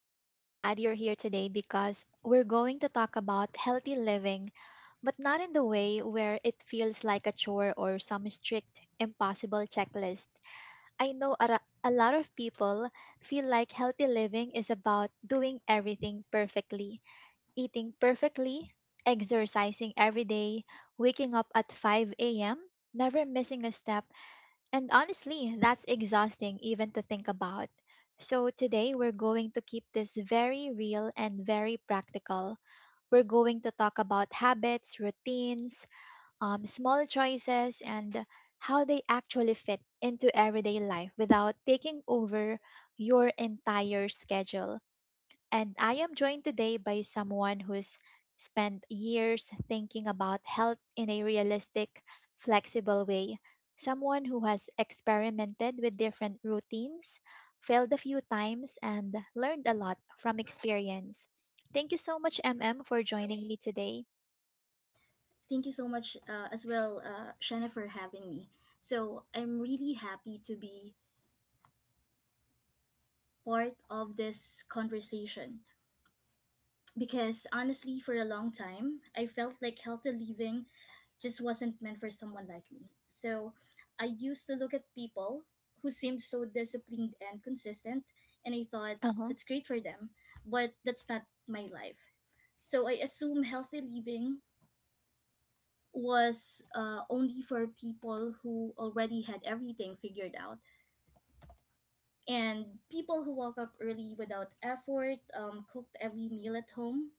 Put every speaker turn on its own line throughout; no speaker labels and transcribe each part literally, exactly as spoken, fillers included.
I'm really glad you're here today because we're going to talk about healthy living, but not in the way where it feels like a chore or some strict, impossible checklist. I know a, ra- a lot of people feel like healthy living is about doing everything perfectly, eating perfectly, exercising every day, waking up at five a m, never missing a step, and honestly, that's exhausting even to think about. So, today we're going to keep this very real and very practical. We're going to talk about habits, routines, um, small choices, and how they actually fit into everyday life without taking over your entire schedule. And I am joined today by someone who's spent years thinking about health in a realistic, flexible way. Someone who has experimented with different routines, failed a few times, and learned a lot from experience. Thank you so much, M M, for joining me today.
Thank you so much uh, as well, uh, Shanna, for having me. So I'm really happy to be part of this conversation because honestly, for a long time, I felt like healthy living just wasn't meant for someone like me. So I used to look at people who seemed so disciplined and consistent, and I thought,
Uh huh.
that's great for them, but that's not my life. So I assume healthy living was uh, only for people who already had everything figured out. And people who woke up early without effort, um, cooked every meal at home,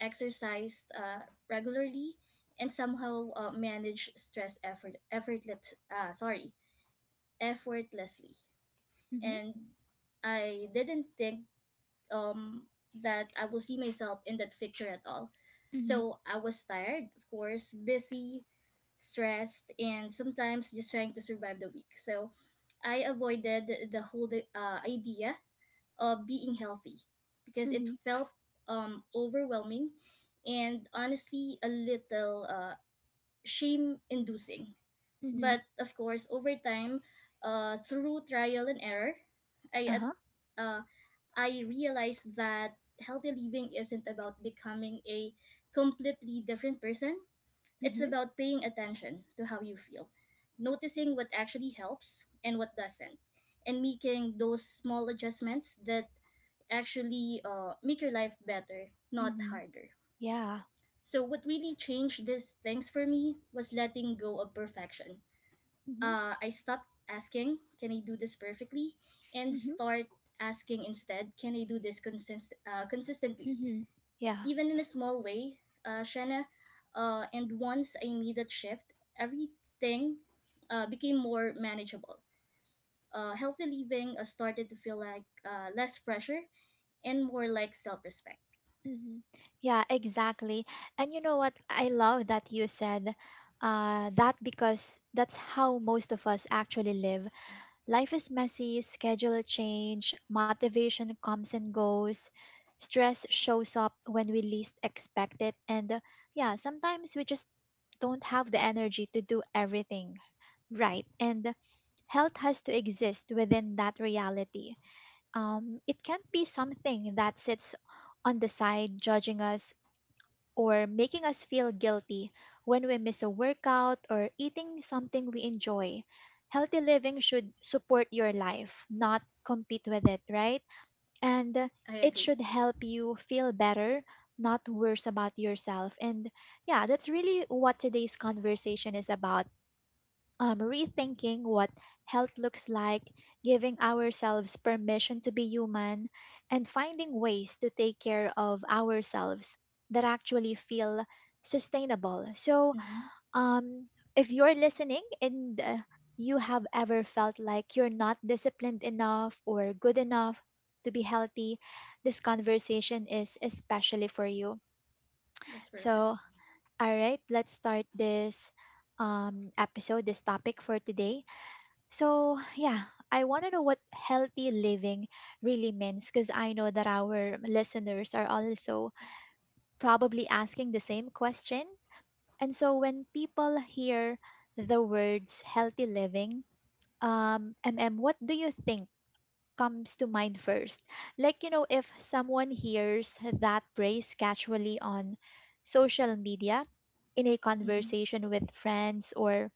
exercised uh, regularly, and somehow uh, managed stress effort effortless uh, sorry effortlessly.
Mhm.
And I didn't think um that I will see myself in that picture at all.
Mhm.
So I was tired, of course, busy, stressed, and sometimes just trying to survive the week. So I avoided the whole uh, idea of being healthy because it
Mhm.
felt um, overwhelming and honestly a little uh, shame inducing.
Mhm.
But of course, over time, uh, through trial and error, I
Uh
at
huh.
uh, I realized that healthy living isn't about becoming a completely different person. It's
Mhm.
about paying attention to how you feel, noticing what actually helps and what doesn't, and making those small adjustments that actually uh, make your life better, not
Mhm.
harder.
Yeah.
So, what really changed these things for me was letting go of perfection.
Mhm.
uh, I stopped asking, can I do this perfectly? And
Mhm.
start asking instead, can I do this consist- uh, consistently?
Mhm. Yeah.
Even in a small way, uh, Shanna, uh, and once I made that shift, everything uh, became more manageable. Uh, healthy living uh, started to feel like uh, less pressure and more like self respect.
Mhm. Yeah, exactly. And you know what? I love that you said uh, that, because that's how most of us actually live. Life is messy, schedule change, motivation comes and goes, stress shows up when we least expect it. And uh, yeah, sometimes we just don't have the energy to do everything right. And health has to exist within that reality. Um, it can't be something that sits on the side judging us or making us feel guilty when we miss a workout or eating something we enjoy. Healthy living should support your life, not compete with it, right? And uh,
I
it
agree.
should help you feel better, not worse about yourself. And yeah, that's really what today's conversation is about: um, rethinking what health looks like, giving ourselves permission to be human, and finding ways to take care of ourselves that actually feel sustainable. So,
hmm
um, if you're listening and uh, you have ever felt like you're not disciplined enough or good enough to be healthy, this conversation is especially for you.
That's perfect.
So, all right, let's start this um, episode, this topic for today. So, yeah, I want to know what healthy living really means, because I know that our listeners are also probably asking the same question. And so, when people hear the words healthy living, um, M M, what do you think comes to mind first? Like, you know, if someone hears that phrase casually on social media, in a
Mm-hmm.
conversation with friends, or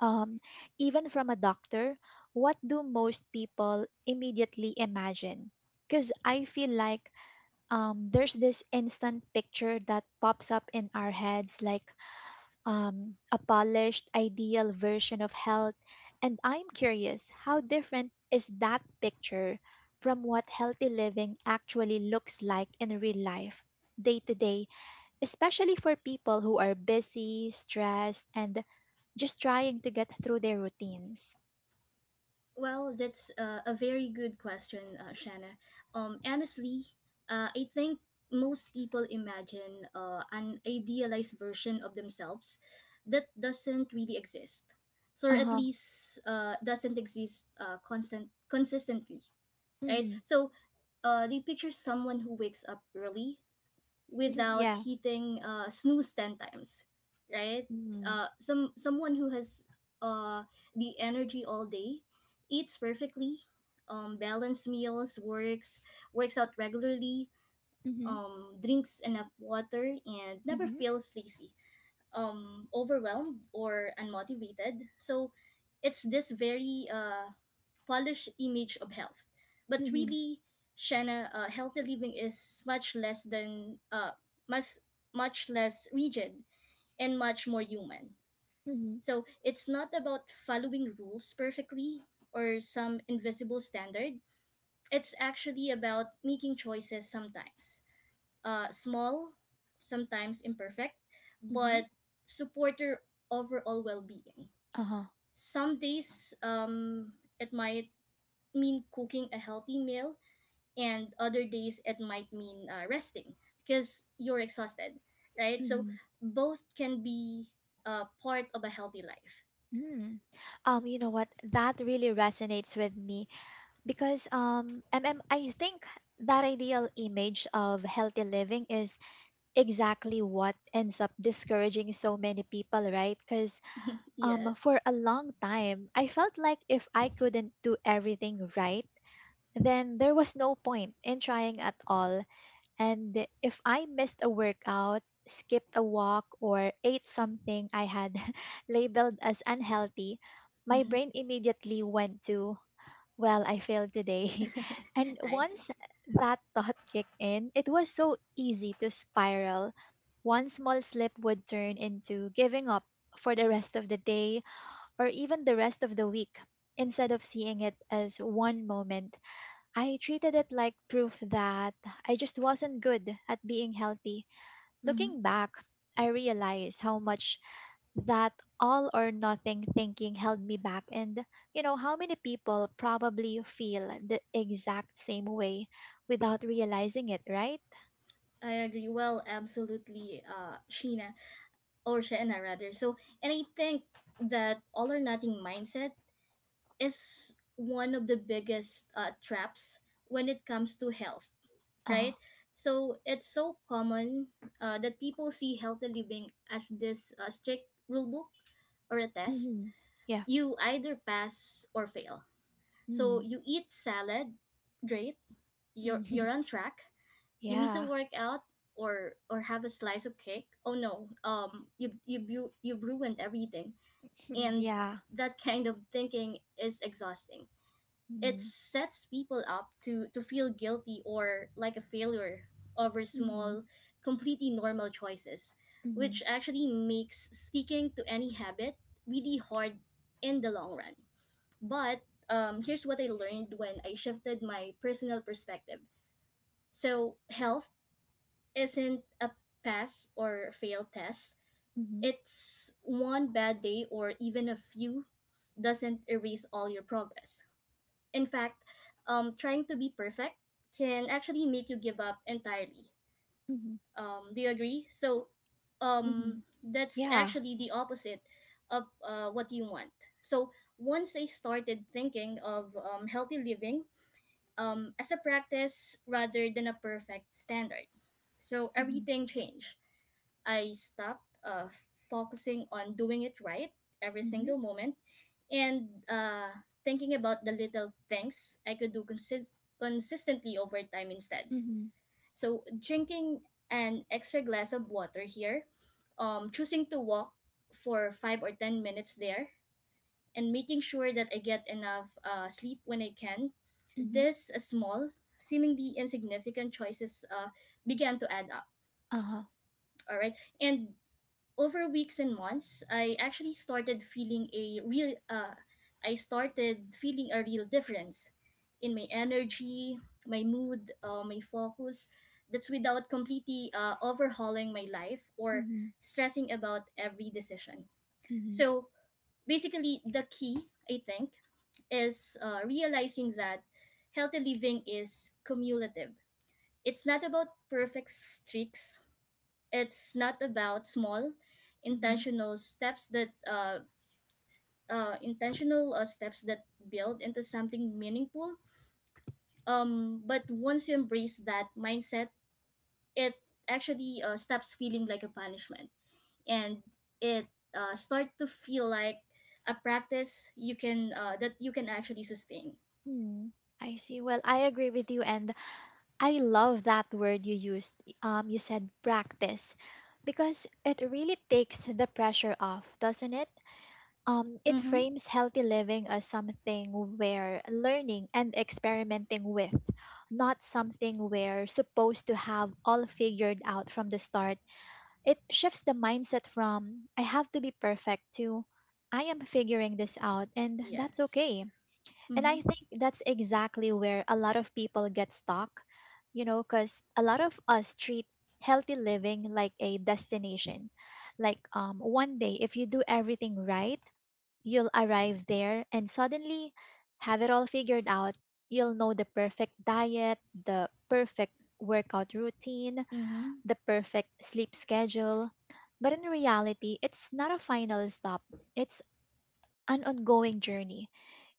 um, even from a doctor, what do most people immediately imagine? Because I feel like um, there's this instant picture that pops up in our heads, like um, a polished, ideal version of health. And I'm curious, how different is that picture from what healthy living actually looks like in real life, day to day? Especially for people who are busy, stressed, and just trying to get through their routines.
Well, that's uh, a very good question, uh, Shanna. Um, honestly, uh, I think most people imagine uh, an idealized version of themselves that doesn't really exist, so or
Uh
at
huh.
least uh, doesn't exist uh, constant consistently, right?
Mm-hmm.
So uh, they picture someone who wakes up early, without
Yeah.
hitting uh, snooze ten times, right.
Mm-hmm.
Uh, some someone who has uh, the energy all day, eats perfectly um, balanced meals, works works out regularly,
Mm-hmm.
um, drinks enough water and never
Mm-hmm.
feels lazy, um overwhelmed or unmotivated. So it's this very uh polished image of health, but
Mm-hmm.
really, Shanna, uh, healthy living is much less than uh much much less rigid and much more human.
Mm-hmm.
So it's not about following rules perfectly or some invisible standard. It's actually about making choices, sometimes uh, small, sometimes imperfect,
Mm-hmm.
but support your overall well being.
Uh huh.
Some days um, it might mean cooking a healthy meal, and other days it might mean uh, resting because you're exhausted, right? So
Mm-hmm.
both can be uh, part of a healthy life.
Mm. Um, you know what? That really resonates with me, because um, M M, I think that ideal image of healthy living is exactly what ends up discouraging so many people, right? Because Um,
Yes.
for a long time, I felt like if I couldn't do everything right, then there was no point in trying at all. And if I missed a workout, skipped a walk, or ate something I had labeled as unhealthy, my
Mm-hmm.
brain immediately went to, well, I failed today. And
I see.
once that thought kicked in, it was so easy to spiral. One small slip would turn into giving up for the rest of the day or even the rest of the week. Instead of seeing it as one moment, I treated it like proof that I just wasn't good at being healthy.
Mm-hmm.
Looking back, I realized how much that all or nothing thinking held me back, and you know, how many people probably feel the exact same way without realizing it, right?
I agree. Well, absolutely, uh, Sheena. Or Shena rather. So, and I think that all or nothing mindset is one of the biggest uh, traps when it comes to health,
Uh,
right? So it's so common uh, that people see healthy living as this uh, strict rule book or a test.
mm-hmm. Yeah.
You either pass or fail. So
Mm,
you eat salad, great. You're
mm,
you're on track. You miss a
yeah.
workout or or have a slice of cake. Oh no, um, you you you you've ruined everything, and
Yeah.
that kind of thinking is exhausting. It
Mm-hmm.
sets people up to, to feel guilty or like a failure over
Mm-hmm.
small, completely normal choices,
Mm-hmm.
which actually makes sticking to any habit really hard in the long run. But um, here's what I learned when I shifted my personal perspective. So, health isn't a pass or fail test.
Mm-hmm.
It's one bad day or even a few doesn't erase all your progress. In fact, um, trying to be perfect can actually make you give up entirely.
Mm-hmm.
Um, do you agree? So, um,
Mhm.
that's
Yeah.
actually the opposite of uh, what you want. So, once I started thinking of um, healthy living um, as a practice rather than a perfect standard, so
Mhm.
everything changed. I stopped uh, focusing on doing it right every
Mhm.
single moment, and uh, thinking about the little things I could do consi- consistently over time instead.
Mhm.
So, drinking an extra glass of water here, um, choosing to walk for five or ten minutes there, and making sure that I get enough uh, sleep when I can.
Mhm.
This uh, small, seemingly insignificant choices uh, began to add up.
Uh-huh.
All right. And over weeks and months, I actually started feeling a real uh I started feeling a real difference in my energy, my mood, uh, my focus. That's without completely uh, overhauling my life or
Mhm.
stressing about every decision.
Mhm.
So basically, the key I think is uh, realizing that healthy living is cumulative. It's not about perfect streaks. It's not about small,
Mhm.
intentional steps that uh, uh, intentional uh, steps that build into something meaningful. Um, but once you embrace that mindset, it actually uh, stops feeling like a punishment, and it uh, start to feel like a practice you can uh, that you can actually sustain.
Mhm. I see. Well, I agree with you, and I love that word you used. Um, you said practice, because it really takes the pressure off, doesn't it? Um, it
Mm-hmm.
frames healthy living as something we're learning and experimenting with, not something we're supposed to have all figured out from the start. It shifts the mindset from, I have to be perfect, to, I am figuring this out and that's
Yes.
okay. And I
Mm-hmm.
think that's exactly where a lot of people get stuck, you know, because a lot of us treat healthy living like a destination. Like um, one day, if you do everything right, you'll arrive there and suddenly have it all figured out. You'll know the perfect diet, the perfect workout routine,
Mm-hmm.
the perfect sleep schedule. But in reality, it's not a final stop, it's an ongoing journey.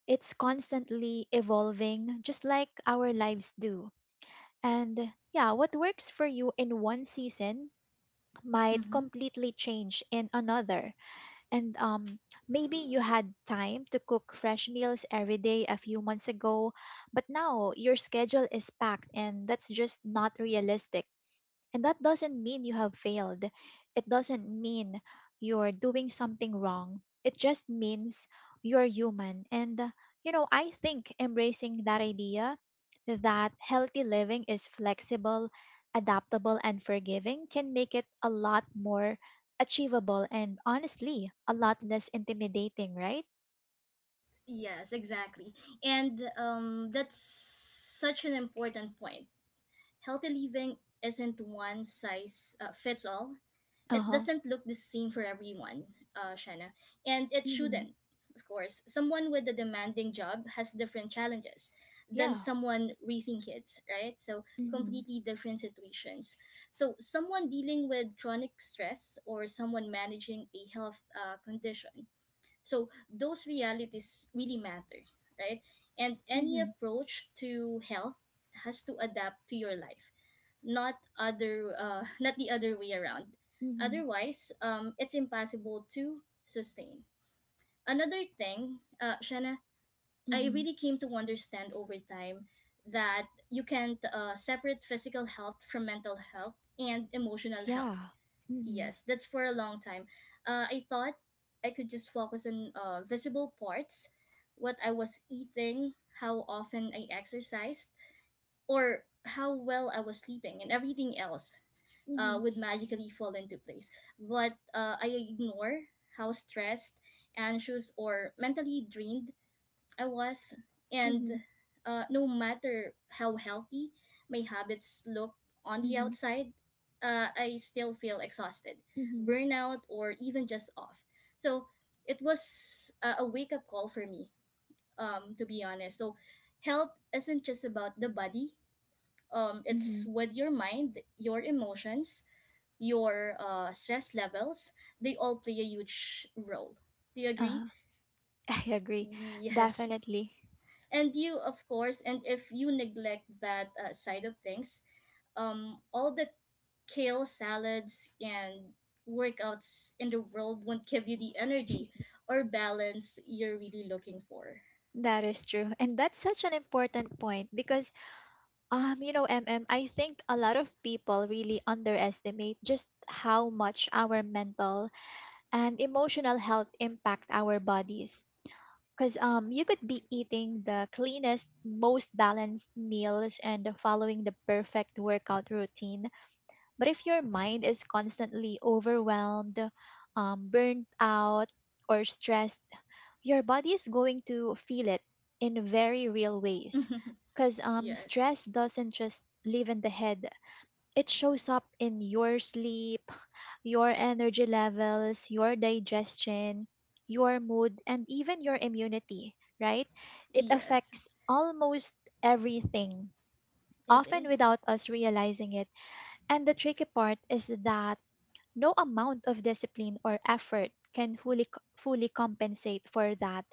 It's constantly evolving, just like our lives do. And yeah, what works for you in one season might
Mm-hmm.
completely change in another. And um, maybe you had time to cook fresh meals every day a few months ago, but now your schedule is packed, and that's just not realistic, and that doesn't mean you have failed. It doesn't mean you're doing something wrong. It just means you're human. And, uh, you know, I think embracing that idea that healthy living is flexible, adaptable, and forgiving can make it a lot more achievable and honestly, a lot less intimidating, right?
Yes, exactly. And um, that's such an important point. Healthy living isn't one size uh, fits all.
Uh
It
huh.
doesn't look the same for everyone, uh, Shana, and it
Mm-hmm.
shouldn't. Of course, someone with a demanding job has different challenges than
Yeah.
someone raising kids, right? So
Mm-hmm.
completely different situations. So someone dealing with chronic stress or someone managing a health uh, condition. So those realities really matter, right? And any
Mm-hmm.
approach to health has to adapt to your life, not other uh, not the other way around.
Mm-hmm.
Otherwise, um, it's impossible to sustain. Another thing, uh, Shanna, I
Mm-hmm.
really came to understand over time that you can't uh, separate physical health from mental health and emotional health.
Yeah. Mm-hmm.
Yes, that's for a long time. Uh, I thought I could just focus on uh, visible parts, what I was eating, how often I exercised, or how well I was sleeping, and everything else
Mm-hmm.
uh, would magically fall into place. But uh, I ignore how stressed, anxious, or mentally drained I was. And
Mm-hmm.
uh, no matter how healthy my habits look on the
Mm-hmm.
outside, uh, I still feel exhausted,
Mm-hmm.
burnout, or even just off. So it was uh, a wake up call for me, um, to be honest. So health isn't just about the body. Um, it's
Mhm.
with your mind, your emotions, your uh, stress levels, they all play a huge role. Do you agree?
Uh, I agree.
Yes.
Definitely.
And you, of course, and if you neglect that uh, side of things, um, all the kale salads and workouts in the world won't give you the energy or balance you're really looking for.
That is true. And that's such an important point, because um you know, M M, I think a lot of people really underestimate just how much our mental and emotional health impact our bodies. Cuz um you could be eating the cleanest, most balanced meals and following the perfect workout routine. But if your mind is constantly overwhelmed, um, burnt out, or stressed, your body is going to feel it in very real ways. Because um,
yes.
stress doesn't just live in the head, it shows up in your sleep, your energy levels, your digestion, your mood, and even your immunity, right? It
Yes,
affects almost everything,
it
often
is.
without us realizing it, and the tricky part is that no amount of discipline or effort can fully co- fully compensate for that,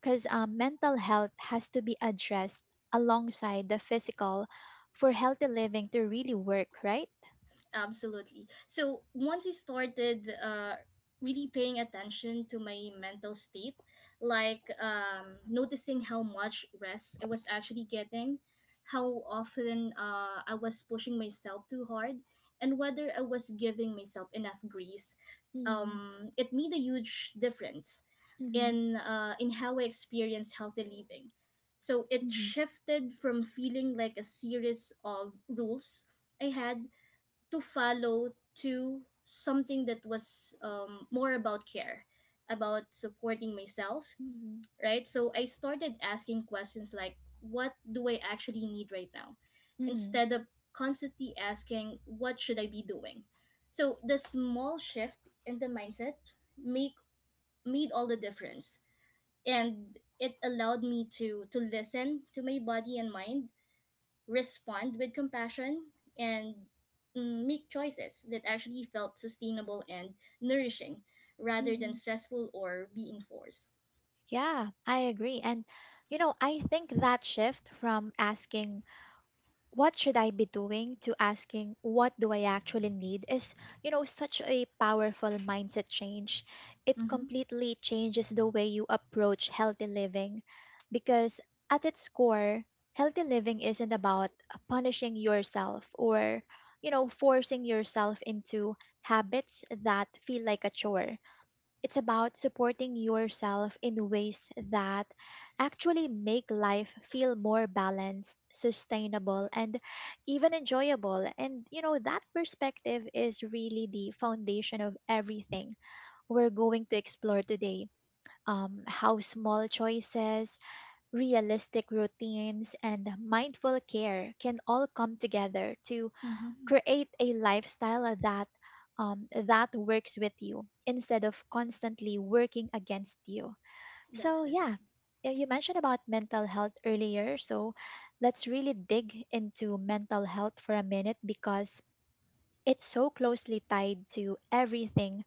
because um, mental health has to be addressed alongside the physical for healthy living to really work, right?
Absolutely. So once I started uh, really paying attention to my mental state, like um, noticing how much rest I was actually getting, how often uh, I was pushing myself too hard, and whether I was giving myself enough grace,
Mm,
um, it made a huge difference
mhm,
in uh, in how I experience healthy living. So it
mhm,
shifted from feeling like a series of rules I had to follow to something that was um, more about care, about supporting myself,
mhm,
right? So I started asking questions like, what do I actually need right now?
mm,
Instead of constantly asking, what should I be doing? So the small shift in the mindset make made all the difference. And it allowed me to to listen to my body and mind, respond with compassion, and mm, make choices that actually felt sustainable and nourishing rather than
mhm.
stressful or being forced.
Yeah, I agree. And, you know, I think that shift from asking what should I be doing to asking what do I actually need is, you know, such a powerful mindset change. It
Mm-hmm.
completely changes the way you approach healthy living, because at its core, healthy living isn't about punishing yourself or, you know, forcing yourself into habits that feel like a chore. It's about supporting yourself in ways that actually make life feel more balanced, sustainable, and even enjoyable. And, you know, that perspective is really the foundation of everything we're going to explore today. Um, how small choices, realistic routines, and mindful care can all come together to
Mm-hmm.
create a lifestyle that um, that works with you instead of constantly working against you. So
Definitely.
yeah, y- you mentioned about mental health earlier, so let's really dig into mental health for a minute, because it's so closely tied to everything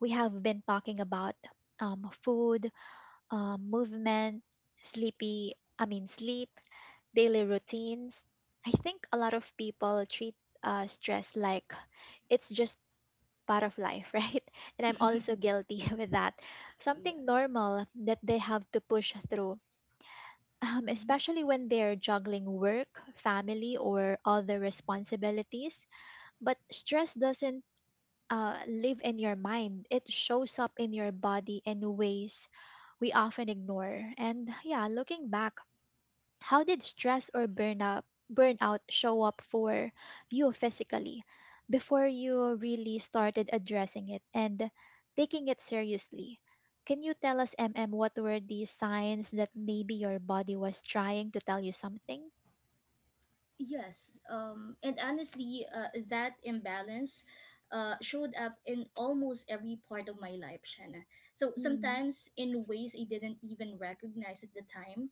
we have been talking about: um, food, um, movement, sleepy i mean sleep, daily routines. I think a lot of people treat uh, stress like it's just part of life, right? And I'm also guilty with that. Something
Yes.
normal that they have to push through, um,
hmm
especially when they're juggling work, family, or other responsibilities. But stress doesn't uh, live in your mind, it shows up in your body in ways we often ignore. And yeah, looking back, how did stress or burnout burnout show up for you physically before you really started addressing it and taking it seriously? Can you tell us, M M, what were the signs that maybe your body was trying to tell you something?
Yes. Um, and honestly, uh, that imbalance uh, showed up in almost every part of my life, Shanna. So
Mm-hmm.
sometimes in ways I didn't even recognize at the time.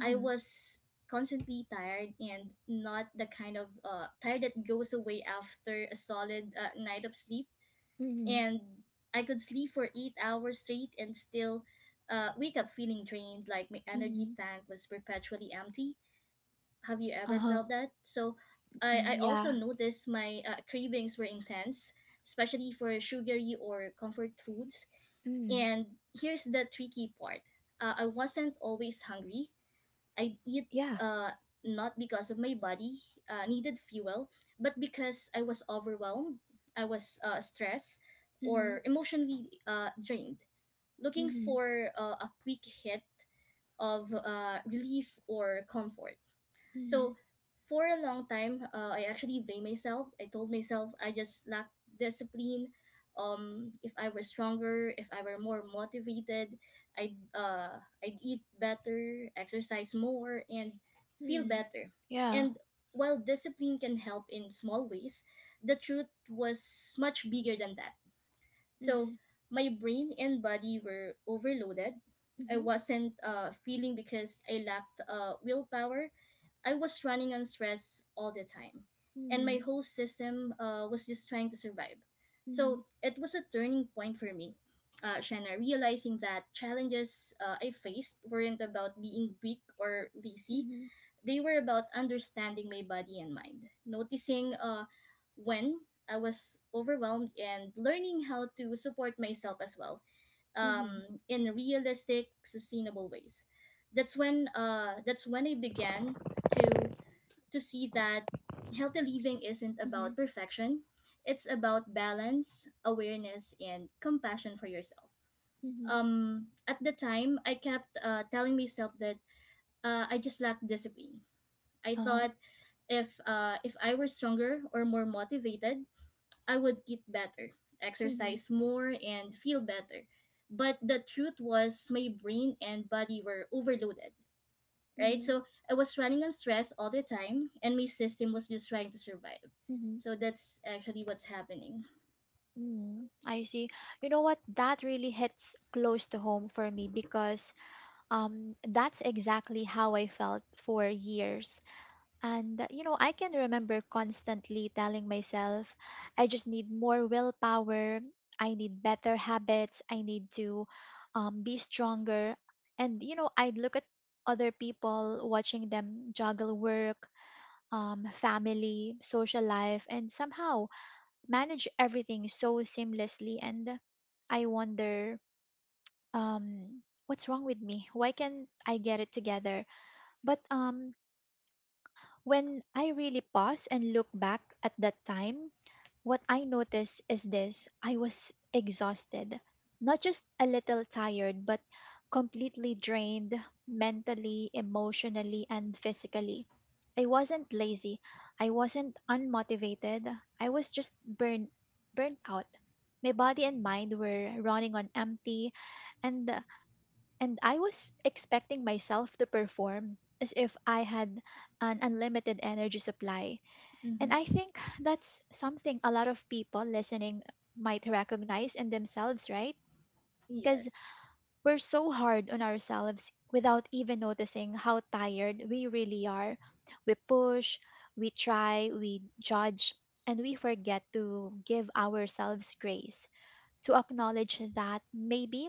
I was constantly tired, and not the kind of uh, tired that goes away after a solid uh, night of sleep.
Mm-hmm.
And I could sleep for eight hours straight and still uh, wake up feeling drained, like my energy
Mm-hmm.
tank was perpetually empty. Have you ever
Uh-huh.
felt that? So
Mm,
I, I also
yeah.
noticed my uh, cravings were intense, especially for sugary or comfort foods.
Mm,
And here's the tricky part. uh, I wasn't always hungry. I'd eat
yeah.
uh, not because of my body uh, needed fuel, but because I was overwhelmed, I was uh, stressed,
Mm-hmm.
or emotionally uh, drained, looking
Mm-hmm.
for uh, a quick hit of uh, relief or comfort.
Mm-hmm.
So for a long time, uh, I actually blame myself. I told myself I just lacked discipline. Um, if I were stronger, if I were more motivated, I'd uh, I'd eat better, exercise more, and feel
Mm-hmm.
better.
Yeah.
And while discipline can help in small ways, the truth was much bigger than that. So
Mm-hmm.
my brain and body were overloaded. I
Mm-hmm.
wasn't uh, feeling because I lacked uh, willpower. I was running on stress all the time. And
Mm-hmm.
my whole system uh, was just trying to survive.
Mm-hmm.
So it was a turning point for me. Uh, Shanna, realizing that challenges uh, I faced weren't about being weak or lazy.
Mm-hmm.
They were about understanding my body and mind, noticing uh, when I was overwhelmed, and learning how to support myself as well
Mm-hmm.
um, in realistic, sustainable ways. That's when uh, that's when I began to to see that healthy living isn't about perfection. It's about balance, awareness, and compassion for yourself.
Mm-hmm.
Um, at the time, I kept uh, telling myself that uh, I just lacked discipline. I
Uh-huh.
thought if uh if I were stronger or more motivated, I would eat better,
Mhm,
exercise more and feel better. But the truth was my brain and body were overloaded, right?
mhm,
So I was running on stress all the time and my system was just trying to survive.
mhm,
So that's actually what's happening.
mhm. I see. You know what? That really hits close to home for me, because um that's exactly how I felt for years. And uh, you know, I can remember constantly telling myself, I just need more willpower, I need better habits, I need to um be stronger. And you know, I'd look at other people watching them juggle work, um, family, social life, and somehow manage everything so seamlessly, and I wonder, um what's wrong with me? Why can't I get it together? But um when I really pause and look back at that time, what I noticed is this: I was exhausted, not just a little tired, but completely drained mentally, emotionally, and physically. I wasn't lazy, I wasn't unmotivated, I was just burnt, burnt out. My body and mind were running on empty, and, and I was expecting myself to perform as if I had an unlimited energy supply. And
hmm
I think that's something a lot of people listening might recognize in themselves, right? Because
Yes.
we're so hard on ourselves without even noticing how tired we really are. We push, we try, we judge, and we forget to give ourselves grace, to acknowledge that maybe,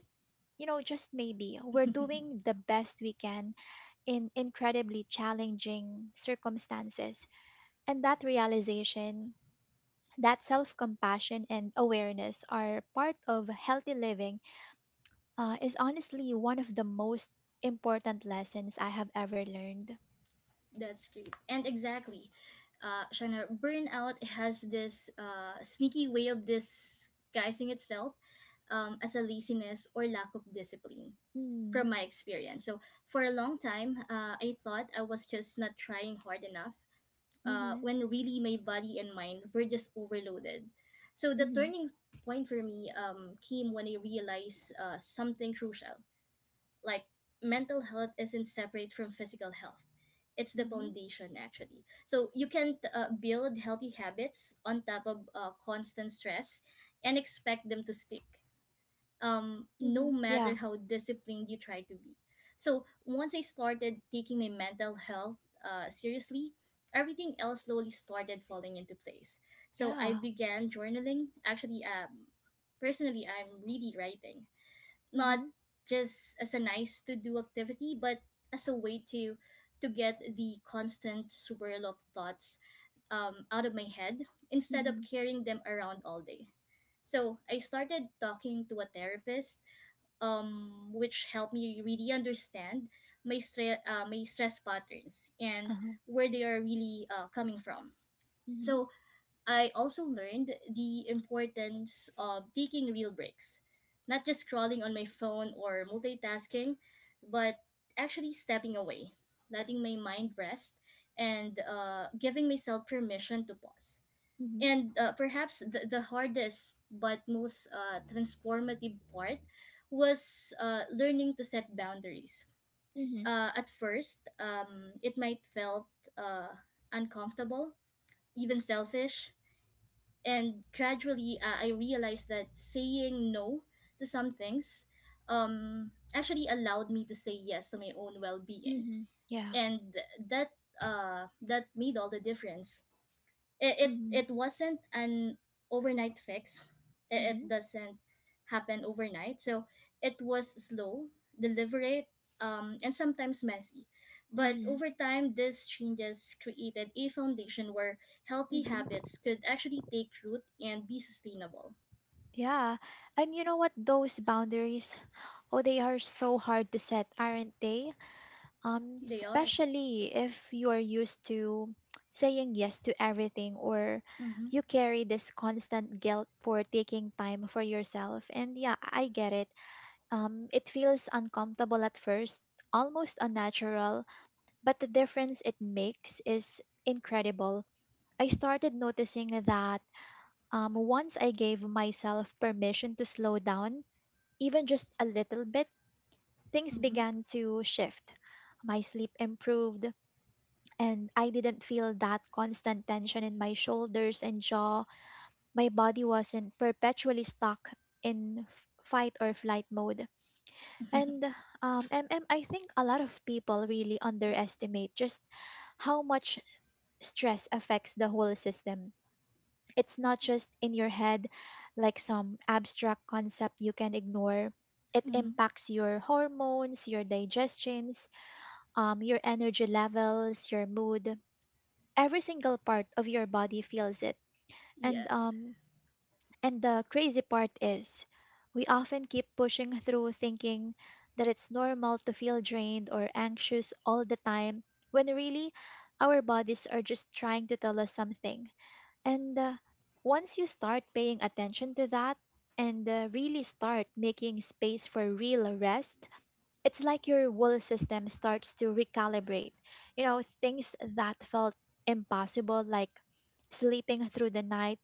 you know, just maybe, we're doing the best we can in incredibly challenging circumstances. And that realization that self compassion and awareness are part of healthy living uh, is honestly one of the most important lessons I have ever learned.
That's great. And exactly, uh, Shana, burnout has this uh, sneaky way of disguising itself um, as a laziness or lack of discipline
Mm,
from my experience. So, for a long time, uh, I thought I was just not trying hard enough uh,
mm-hmm,
when really my body and mind were just overloaded. So, the
mm-hmm,
turning point for me um, came when I realized uh, something crucial, like mental health isn't separate from physical health. It's the
mm-hmm,
foundation actually, so you can uh, build healthy habits on top of uh, constant stress and expect them to stick, um, no
mm-hmm.
matter
Yeah,
how disciplined you try to be. So once I started taking my mental health uh, seriously, everything else slowly started falling into place. So I
yeah.
began journaling actually. Um, personally, I'm really writing,
Mm-hmm,
not just as a nice to do activity, but as a way to to get the constant swirl of thoughts um, out of my head instead of
mm-hmm,
carrying them around all day. So I started talking to a therapist, um, which helped me really understand my, stre- uh, my stress patterns and
uh-huh,
where they are really uh, coming from.
mm-hmm,
So I also learned the importance of taking real breaks, not just scrolling on my phone or multitasking, but actually stepping away, letting my mind rest, and uh, giving myself permission to pause.
mm-hmm,
And uh, perhaps the, the hardest but most uh, transformative part was uh, learning to set boundaries.
mm-hmm,
Uh, at first, um, it might felt uh, uncomfortable, even selfish, and gradually uh, I realized that saying no to some things um actually allowed me to say yes to my own well-being,
mm-hmm. Yeah.
and that uh that made all the difference. it it,
Mm-hmm,
it wasn't an overnight fix. it,
mm-hmm,
it doesn't happen overnight. So it was slow, deliberate, um, and sometimes messy, but
mm-hmm,
over time these changes created a foundation where healthy
mm-hmm.
habits could actually take root and be sustainable.
Yeah. And you know what? Those boundaries, oh, they are so hard to set, aren't they? um,
They are.
especially if you're used to saying yes to everything or
mm-hmm,
you carry this constant guilt for taking time for yourself. And yeah, I get it. Um, it feels uncomfortable at first, almost unnatural, but the difference it makes is incredible. I started noticing that um, once I gave myself permission to slow down, even just a little bit, things
mm-hmm,
began to shift. My sleep improved, and I didn't feel that constant tension in my shoulders and jaw. My body wasn't perpetually stuck in f- fight or flight mode. And um, MM, I think a lot of people really underestimate just how much stress affects the whole system. It's not just in your head, like some abstract concept you can ignore. It
mm-hmm.
impacts your hormones, your digestions, um, your energy levels, your mood, every single part of your body feels it. and
Yes.
um and the crazy part is we often keep pushing through thinking that it's normal to feel drained or anxious all the time when really our bodies are just trying to tell us something, and uh, once you start paying attention to that and uh, really start making space for real rest, it's like your whole system starts to recalibrate. You know, things that felt impossible, like sleeping through the night,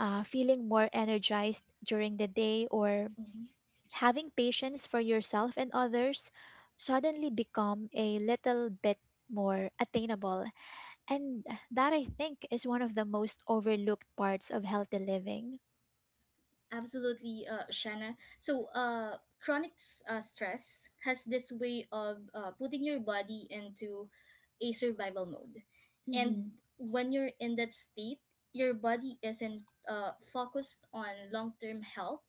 uh, feeling more energized during the day, or
Mm-hmm.
having patience for yourself and others, suddenly become a little bit more attainable. And that, I think, is one of the most overlooked parts of healthy living.
Absolutely, uh, Shanna. So, uh, chronic s- uh, stress has this way of uh, putting your body into a survival mode.
Mm-hmm.
And when you're in that state, your body isn't uh, focused on long term health.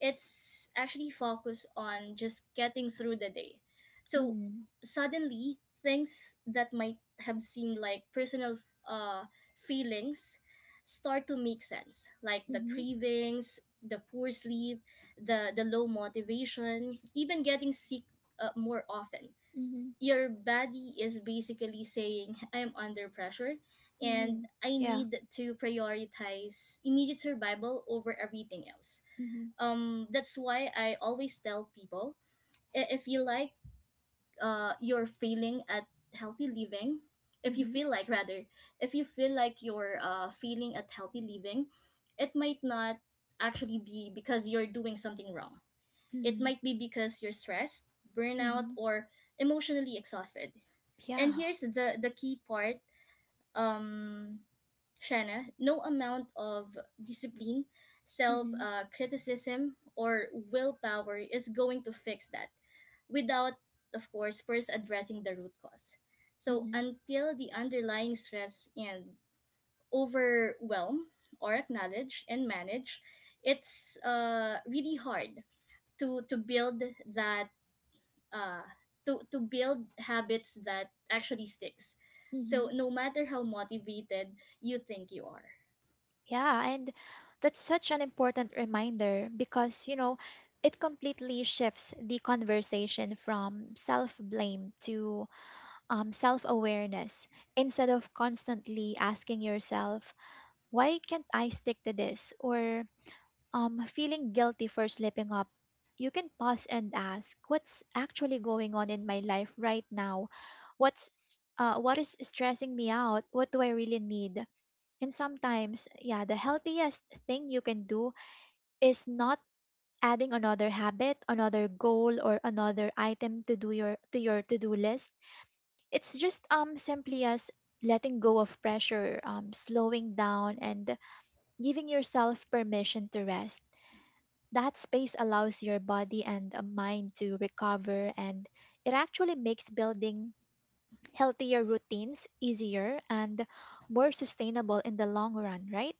It's actually focused on just getting through the day. So
Mm-hmm.
suddenly, things that might have seemed like personal uh, feelings start to make sense, like the
Mm-hmm.
cravings, the poor sleep, the the low motivation, even getting sick uh, more often.
Mm-hmm.
Your body is basically saying, "I'm under pressure. And
Mm-hmm.
I
Yeah.
need to prioritize immediate survival over everything else."
Mm-hmm.
Um that's why I always tell people, i- if you like, uh you're failing at healthy living, if you
Mm-hmm.
feel like, rather, if you feel like you're uh failing at healthy living, it might not actually be because you're doing something wrong. It
Mm-hmm.
might be because you're stressed, burnout
Mm-hmm.
or emotionally exhausted. And
Yeah.
here's the the key part. um Shanna, no amount of discipline, self
Hmm,
uh, criticism, or willpower is going to fix that without, of course, first addressing the root cause. So,
hmm,
until the underlying stress and overwhelm or acknowledge and manage, it's uh, really hard to, to build that, uh, to, to build habits that actually sticks. So,
hmm.
no matter how motivated you think you are.
Yeah, and that's such an important reminder because, you know, it completely shifts the conversation from self-blame to um, self-awareness instead of constantly asking yourself, why can't I stick to this? Or um, feeling guilty for slipping up. You can pause and ask, what's actually going on in my life right now? What's uh, what is stressing me out? What do I really need? And sometimes, yeah, the healthiest thing you can do is not adding another habit, another goal or another item to do your to your to-do list. It's just um simply as letting go of pressure, um slowing down and giving yourself permission to rest. That space allows your body and uh, mind to recover, and it actually makes building healthier routines easier and more sustainable in the long run, right?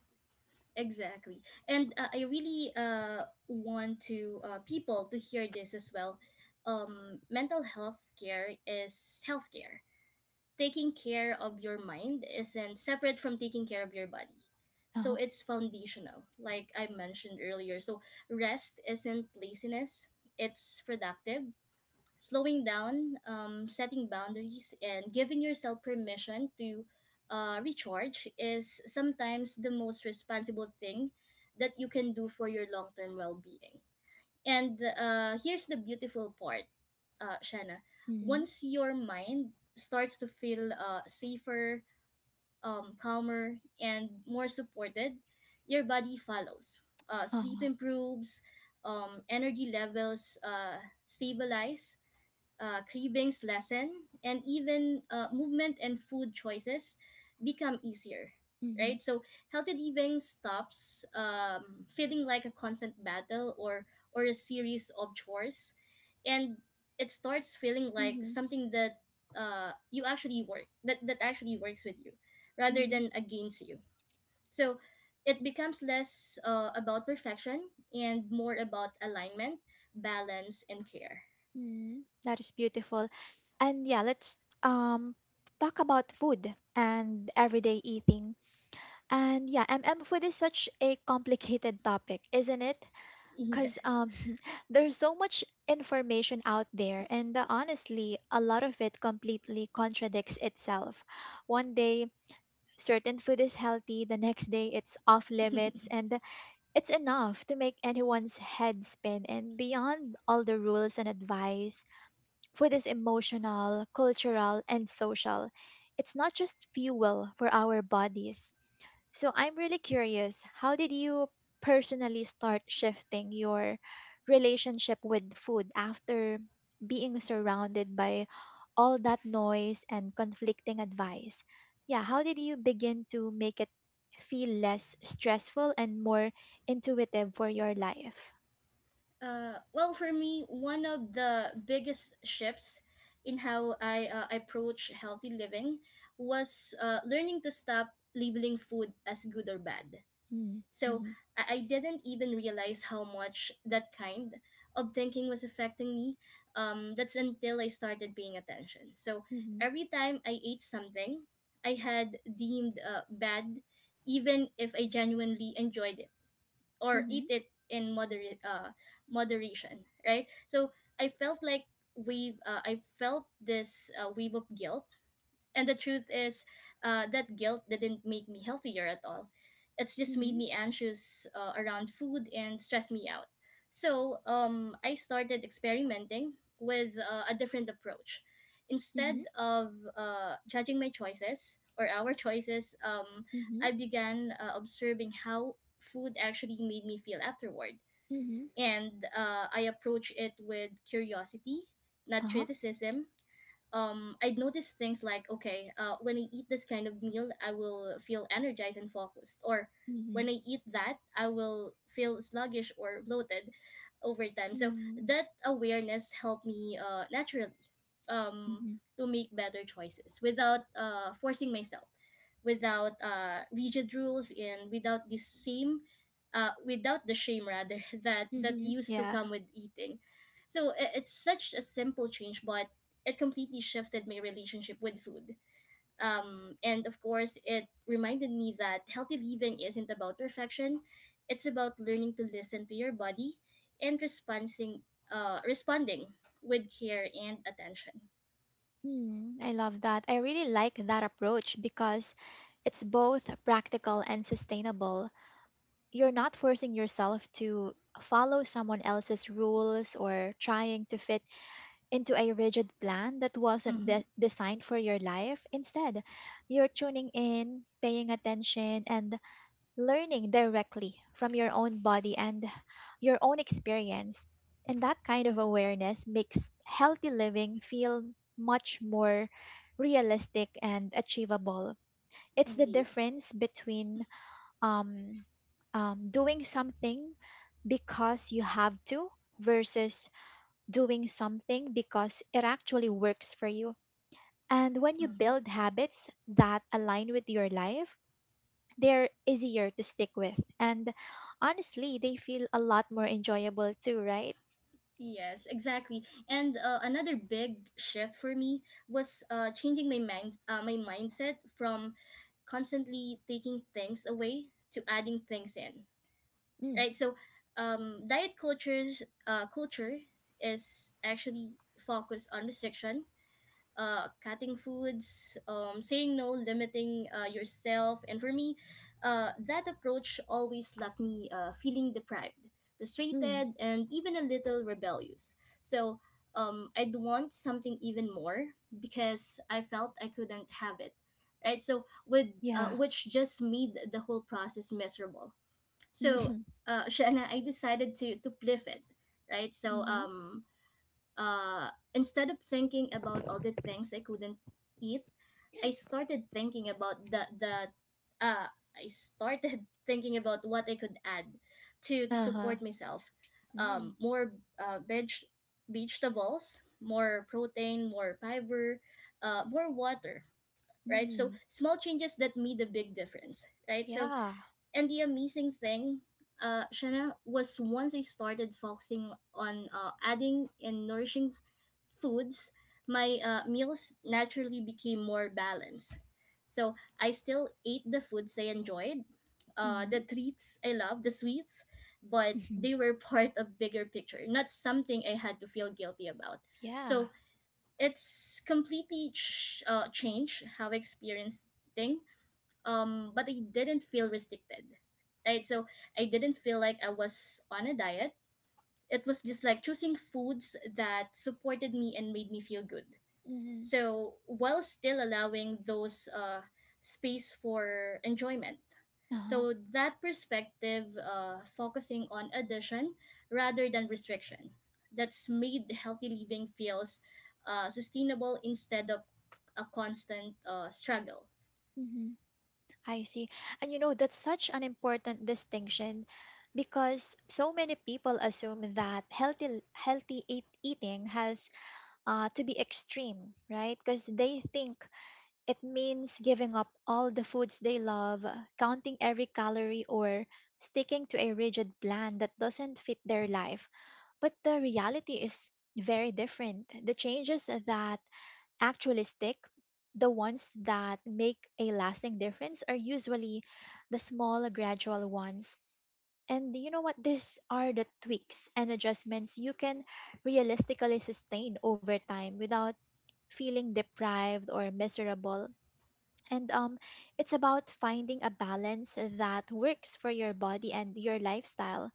Exactly. And uh, I really uh, want to uh, people to hear this as well. Um, mental health care is healthcare. Taking care of your mind isn't separate from taking care of your body. So
Uh-huh.
it's foundational, like I mentioned earlier. So rest isn't laziness, it's productive. Slowing down, um, setting boundaries, and giving yourself permission to uh, recharge is sometimes the most responsible thing that you can do for your long term well being. And uh, here's the beautiful part, uh, Shanna.
Mhm.
Once your mind starts to feel uh, safer, um, calmer, and more supported, your body follows. Uh, sleep
Uh-huh.
improves, um, energy levels uh, stabilize, uh, cravings lessen, and even uh, movement and food choices become easier,
Mhm.
right? So healthy living stops um, feeling like a constant battle or or a series of chores, and it starts feeling like
Mhm.
something that uh, you actually work that that actually works with you, rather
Mhm.
than against you. So it becomes less uh, about perfection and more about alignment, balance, and care.
Mhm. That is beautiful. And yeah, let's um talk about food and everyday eating. And yeah, MM food is such a complicated topic, isn't it? Because
Yes.
um, there's so much information out there, and uh, honestly, a lot of it completely contradicts itself. One day, certain food is healthy, the next day, it's off limits, and it's enough to make anyone's head spin. And beyond all the rules and advice, food is emotional, cultural, and social. It's not just fuel for our bodies. So I'm really curious, how did you personally start shifting your relationship with food after being surrounded by all that noise and conflicting advice? Yeah, how did you begin to make it feel less stressful and more intuitive for your life?
Uh, well, for me, one of the biggest shifts in how I uh, approach healthy living was uh, learning to stop labeling food as good or bad.
Mm,
So
mhm,
I, I didn't even realize how much that kind of thinking was affecting me. Um, that's until I started paying attention. So
mhm,
every time I ate something I had deemed uh, bad, even if I genuinely enjoyed it or eat
mhm,
it in moderate uh moderation, right? So I felt like, we uh, I felt this uh, wave of guilt, and the truth is uh, that guilt didn't make me healthier at all. It's just made me anxious uh, around food and stressed me out. So um, I started experimenting with uh, a different approach.
mhm, mhm,
Instead of uh, judging my choices or our choices, um,
mhm,
I began uh, observing how food actually made me feel afterward.
mhm,
And uh, I approach it with curiosity, not
uh-huh,
criticism. um I'd notice things like, okay, uh, when I eat this kind of meal I will feel energized and focused, or when
mhm,
I eat that I will feel sluggish or bloated over time. So
mhm,
that awareness helped me uh, naturally, um,
mhm,
to make better choices without uh, forcing myself, without uh, rigid rules, and without the same uh, without the shame rather that that
mhm.
used to
Yeah.
come with eating. So i- it's such a simple change, but it completely shifted my relationship with food. Um, and of course, it reminded me that healthy living isn't about perfection; it's about learning to listen to your body and responding, uh, responding with care and attention.
Hmm, I love that. I really like that approach because it's both practical and sustainable. You're not forcing yourself to follow someone else's rules or trying to fit into a rigid plan that wasn't
Mm-hmm,
de- designed for your life. Instead, you're tuning in, paying attention, and learning directly from your own body and your own experience. And that kind of awareness makes healthy living feel much more realistic and achievable. It's the
indeed.
difference between um, um, doing something because you have to versus doing something because it actually works for you. And when you
Mm-hmm.
build habits that align with your life, they're easier to stick with. And honestly, they feel a lot more enjoyable too, right?
Yes, exactly. And uh, another big shift for me was uh, changing my mind, uh, my mindset from constantly taking things away to adding things in,
Mm,
right? So um, diet cultures uh, culture is actually focused on restriction, uh, cutting foods, um, saying no, limiting uh, yourself, and for me uh, that approach always left me uh, feeling deprived,
mm,
frustrated, and even a little rebellious. So um, I'd want something even more because I felt I couldn't have it, right? so with uh,
yeah.
Which just made the whole process miserable. So uh, Shanna, I decided to to pliff it, right?
Mm-hmm.
So
Mm-hmm.
um uh instead of thinking about all the things I couldn't eat, I started thinking about the the uh I started thinking about what I could add to
Uh-huh.
to
Mm, hmm, uh huh,
support myself. Um,
mm,
more uh, veg vegetables, more protein, more fiber, uh, more water,
mm,
right? So
hmm.
small changes that made a big difference, right? So
Yeah.
and the amazing thing, uh, Shanna, was once I started focusing on uh, adding and nourishing foods, my uh, meals naturally became more balanced. So I still ate the foods I enjoyed, uh,
Mm-hmm.
the treats I love, the sweets, but
Mm-hmm.
they were part of bigger picture, not something I had to feel guilty about.
Yeah.
So it's completely ch- uh, changed how I experienced things. Um but I didn't feel restricted, right? So I didn't feel like I was on a diet. It was just like choosing foods that supported me and made me feel good,
Mm-hmm.
so while still allowing those uh space for enjoyment.
Uh-huh.
So that perspective, uh focusing on addition rather than restriction, that's made healthy living feels uh, sustainable instead of a constant uh, struggle.
Mm-hmm. I see. And you know, that's such an important distinction because so many people assume that healthy healthy eat- eating has uh, to be extreme, right? Because they think it means giving up all the foods they love, counting every calorie, or sticking to a rigid plan that doesn't fit their life. But the reality is very different. The changes that actually stick, the ones that make a lasting difference, are usually the small, gradual ones. And you know what? These are the tweaks and adjustments you can realistically sustain over time without feeling deprived or miserable, and um, it's about finding a balance that works for your body and your lifestyle,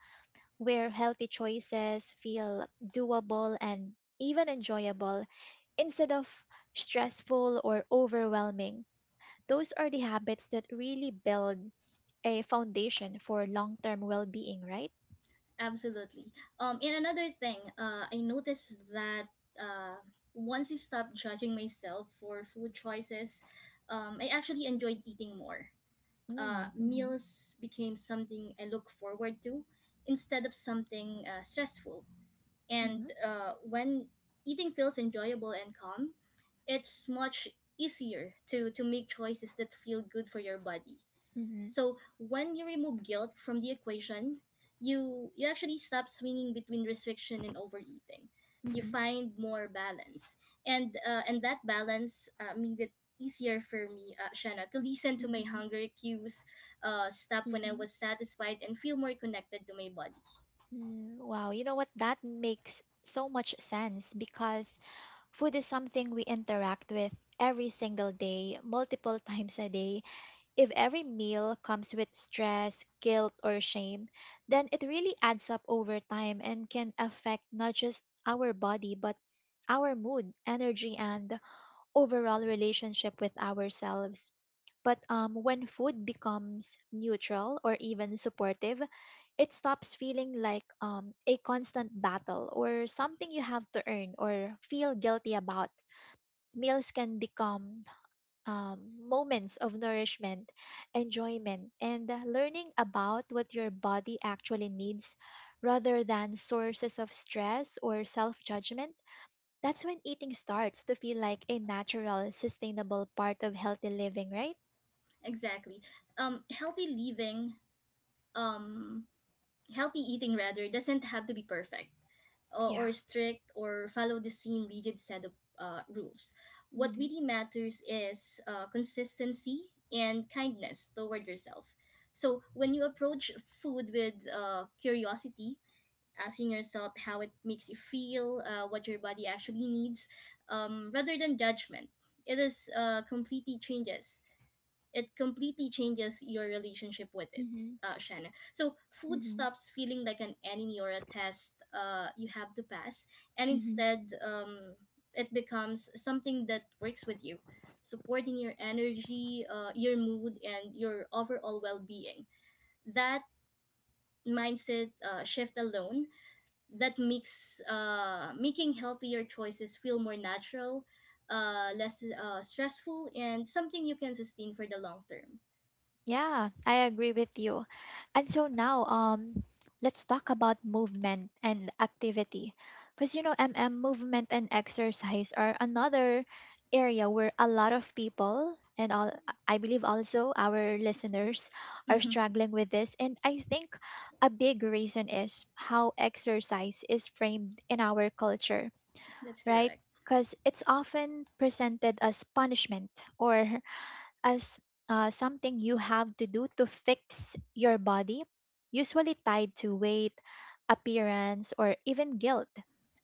where healthy choices feel doable and even enjoyable instead of stressful or overwhelming. Those are the habits that really build a foundation for long term well being, right?
Absolutely. Um, and another thing, uh, I noticed that uh, once I stopped judging myself for food choices, um, I actually enjoyed eating more. Uh,
Mm, mhm,
meals became something I look forward to instead of something uh, stressful. And
mhm,
uh, when eating feels enjoyable and calm, it's much easier to, to make choices that feel good for your body.
mhm,
So when you remove guilt from the equation, you you actually stop swinging between restriction and overeating. You
mhm,
find more balance, and uh, and that balance uh, made it easier for me, uh, Shanna, to listen to my
mhm,
hunger cues, uh, stop when I
mhm.
was satisfied, and feel more connected to my body.
Mm, wow, you know what? That makes so much sense because food is something we interact with every single day, multiple times a day. If every meal comes with stress, guilt, or shame, then it really adds up over time and can affect not just our body, but our mood, energy, and overall relationship with ourselves. But um, when food becomes neutral or even supportive, it stops feeling like um, a constant battle or something you have to earn or feel guilty about. Meals can become um, moments of nourishment, enjoyment, and learning about what your body actually needs rather than sources of stress or self judgment. That's when eating starts to feel like a natural, sustainable part of healthy living, right?
Exactly. Um, healthy living. Um, Healthy eating rather doesn't have to be perfect or,
Yeah.
or strict or follow the same rigid set of uh, rules. What
Mm-hmm.
really matters is uh, consistency and kindness toward yourself. So when you approach food with uh, curiosity, asking yourself how it makes you feel, uh, what your body actually needs, um, rather than judgment, it is uh, completely changes it completely changes your relationship with it,
Mm-hmm.
uh, Shanna. So food stops feeling like an enemy or a test uh, you have to pass, and
Mm-hmm.
instead um, it becomes something that works with you, supporting your energy, uh, your mood, and your overall well-being. That mindset uh, shift alone, that makes uh, making healthier choices feel more natural, uh, less uh, stressful, and something you can sustain for the long term.
Yeah, I agree with you. And so now, um, let's talk about movement and activity. Because, you know, MM movement and exercise are another area where a lot of people, and all, I believe also our listeners are
Mhm.
struggling with this. And I think a big reason is how exercise is framed in our culture,
That's
right?
correct.
Because it's often presented as punishment or as uh, something you have to do to fix your body, usually tied to weight, appearance, or even guilt.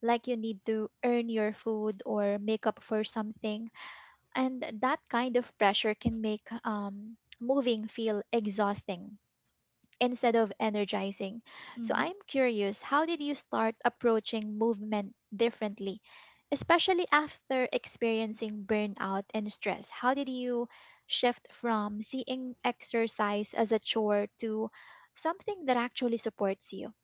Like you need to earn your food or make up for something. And that kind of pressure can make um, moving feel exhausting instead of energizing. So
Hmm.
I'm curious, how did you start approaching movement differently, especially after experiencing burnout and stress? How did you shift from seeing exercise as a chore to something that actually supports you?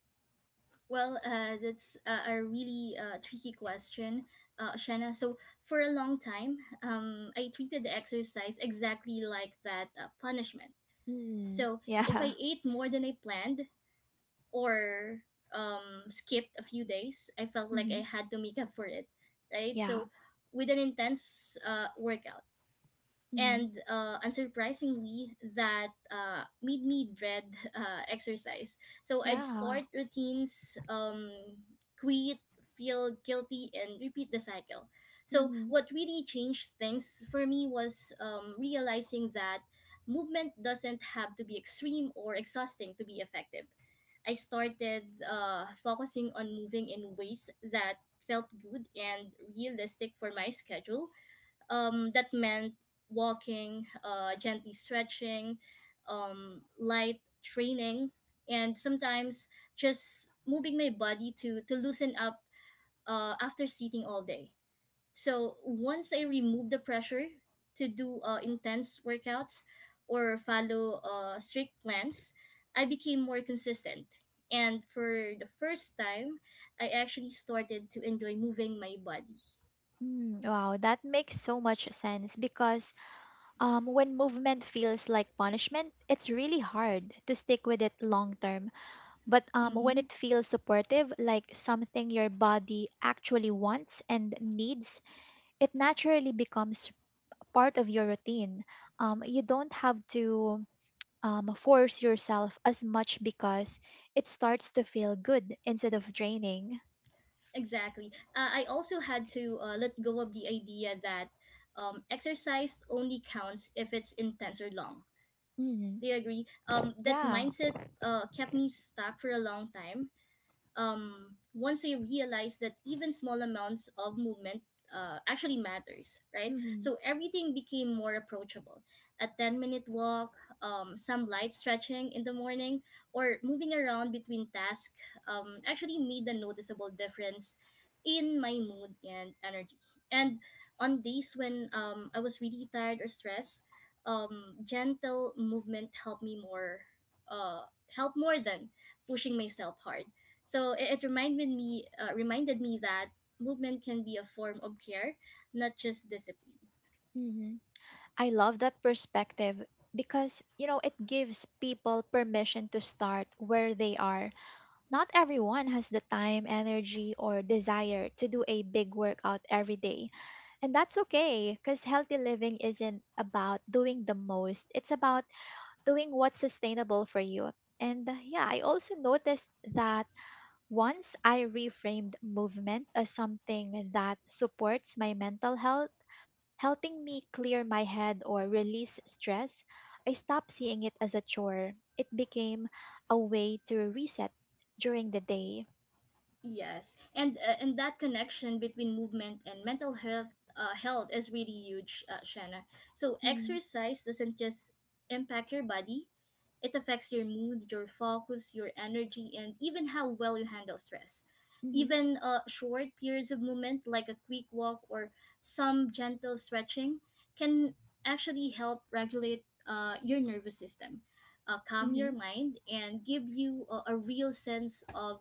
Well, uh, that's uh, a really uh, tricky question, uh, Shanna. So for a long time, um, I treated the exercise exactly like that, uh, punishment.
Mm,
So if I
yeah.
ate more than I planned or um, skipped a few days, I felt like I
Hmm.
had to make up for it, right?
Yeah.
So with an intense uh, workout.
Hmm.
And uh, unsurprisingly, that uh, made me dread uh, exercise. So I'd
Yeah.
start routines, um, quit, feel guilty, and repeat the cycle. So
Hmm.
what really changed things for me was um, realizing that movement doesn't have to be extreme or exhausting to be effective. I started uh, focusing on moving in ways that felt good and realistic for my schedule. Um, that meant walking, uh, gently stretching, um, light training, and sometimes just moving my body to, to loosen up uh, after sitting all day. So once I remove the pressure to do uh, intense workouts or follow uh, strict plans, I became more consistent. And for the first time, I actually started to enjoy moving my body.
Mm, wow, that makes so much sense because Um, when movement feels like punishment, it's really hard to stick with it long term. But um, when
Mm-hmm.
it feels supportive, like something your body actually wants and needs, it naturally becomes part of your routine. Um, you don't have to um, force yourself as much because it starts to feel good instead of draining.
Exactly. Uh, I also had to uh, let go of the idea that um, exercise only counts if it's intense or long.
Mm,
Do you agree? Um, that
yeah.
mindset uh, kept me stuck for a long time. Um, once I realized that even small amounts of movement uh, actually matters, right?
Mm-hmm.
So everything became more approachable. A ten minute walk, um, some light stretching in the morning, or moving around between tasks um, actually made a noticeable difference in my mood and energy. And on days when um, I was really tired or stressed, um, gentle movement helped me more, uh, help more than pushing myself hard. So it, it reminded me uh, reminded me that movement can be a form of care, not just discipline.
Mm-hmm. I love that perspective because, you know, it gives people permission to start where they are. Not everyone has the time, energy, or desire to do a big workout every day. And that's okay because healthy living isn't about doing the most, it's about doing what's sustainable for you. And uh, yeah, I also noticed that once I reframed movement as something that supports my mental health, helping me clear my head or release stress, I stopped seeing it as a chore. It became a way to reset during the day.
Yes, and uh, and that connection between movement and mental health uh, health is really huge, uh, Shanna. So
Mm-hmm,
exercise doesn't just impact your body; it affects your mood, your focus, your energy, and even how well you handle stress.
mm-hmm,
Even uh, short periods of movement, like a quick walk or some gentle stretching, can actually help regulate uh, your nervous system, uh, calm your
mm-hmm,
mind, and give you a, a real sense of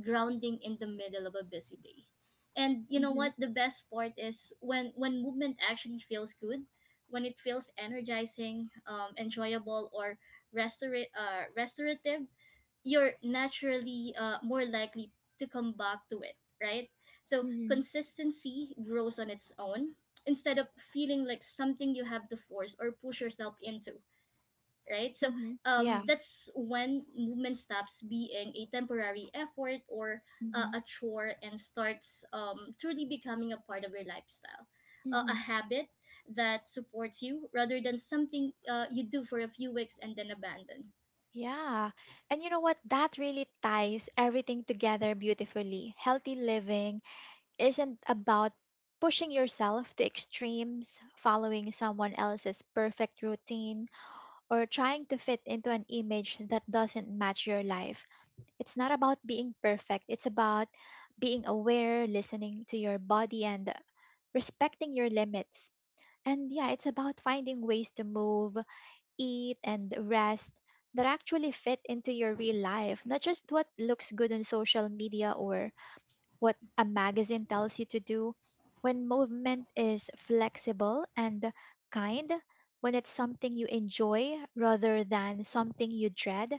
grounding in the middle of a busy day. And you know
mm-hmm,
what? The best part is when when movement actually feels good, when it feels energizing, um, enjoyable, or restora- uh, restorative, you're naturally uh, more likely to come back to it, right? So
mm-hmm,
consistency grows on its own instead of feeling like something you have to force or push yourself into, right? So
mm-hmm.
um,
Yeah.
that's when movement stops being a temporary effort or uh,
Mm-hmm,
a chore and starts um, truly becoming a part of your lifestyle, uh, a
mm-hmm.
habit that supports you rather than something uh, you do for a few weeks and then abandon.
Yeah. And you know what? That really ties everything together beautifully. Healthy living isn't about pushing yourself to extremes, following someone else's perfect routine, or trying to fit into an image that doesn't match your life. It's not about being perfect, it's about being aware, listening to your body, and respecting your limits. And yeah, it's about finding ways to move, eat, and rest that actually fit into your real life, not just what looks good on social media or what a magazine tells you to do, when movement is flexible and kind, when it's something you enjoy rather than something you dread,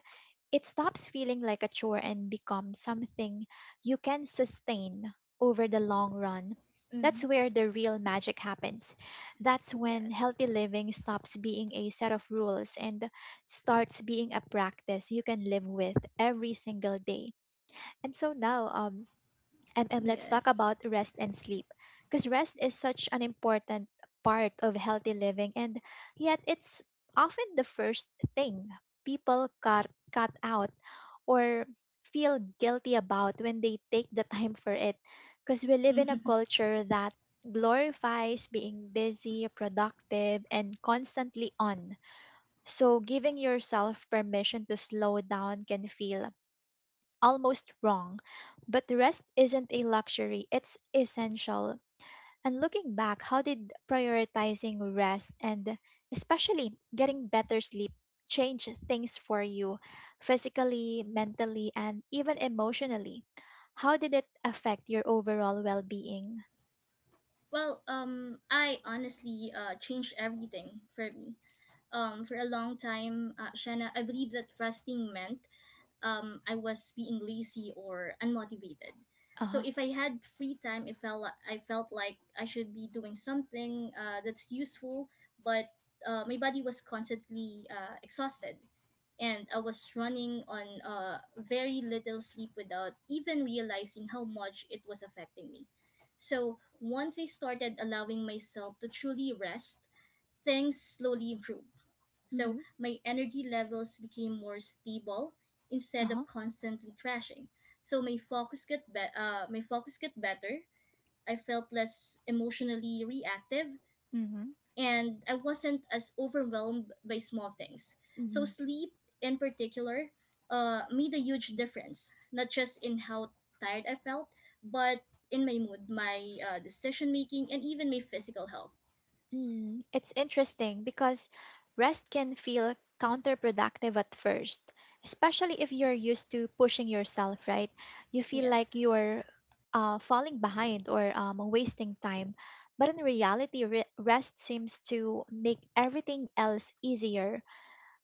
it stops feeling like a chore and becomes something you can sustain over the long run. That's
Mm-hmm.
where the real magic happens. That's when
Yes.
healthy living stops being a set of rules and starts being a practice you can live with every single day. And so now, um, MM, let's talk
Yes.
about rest and sleep. Because rest is such an important part of healthy living, and yet it's often the first thing people cut, cut out or feel guilty about when they take the time for it. Because we live in a culture that glorifies being busy, productive, and constantly on. So, giving yourself permission to slow down can feel almost wrong. But the rest isn't a luxury, it's essential. And looking back, how did prioritizing rest and especially getting better sleep change things for you physically, mentally, and even emotionally? How did it affect your overall well being?
Well, um, I honestly uh, changed everything for me. Um, for a long time, uh, Shanna, I believe that fasting meant um, I was being lazy or unmotivated.
Uh
So
huh.
if I had free time, it felt li- I felt like I should be doing something uh, that's useful, but uh, my body was constantly uh, exhausted, and I was running on uh, very little sleep without even realizing how much it was affecting me. So once I started allowing myself to truly rest, things slowly improved. So
Mm-hmm.
my energy levels became more stable
Uh
instead of
huh.
constantly crashing. So my focus got be- uh, my focus got better. I felt less emotionally reactive,
Mm-hmm.
and I wasn't as overwhelmed by small things. So sleep in particular uh, made a huge difference, not just in how tired I felt, but in my mood, my uh, decision making, and even my physical health.
Mm, it's interesting because rest can feel counterproductive at first, especially if you're used to pushing yourself, right? You feel like
Yes.
you're uh, falling behind or um, wasting time. But in reality, re- rest seems to make everything else easier.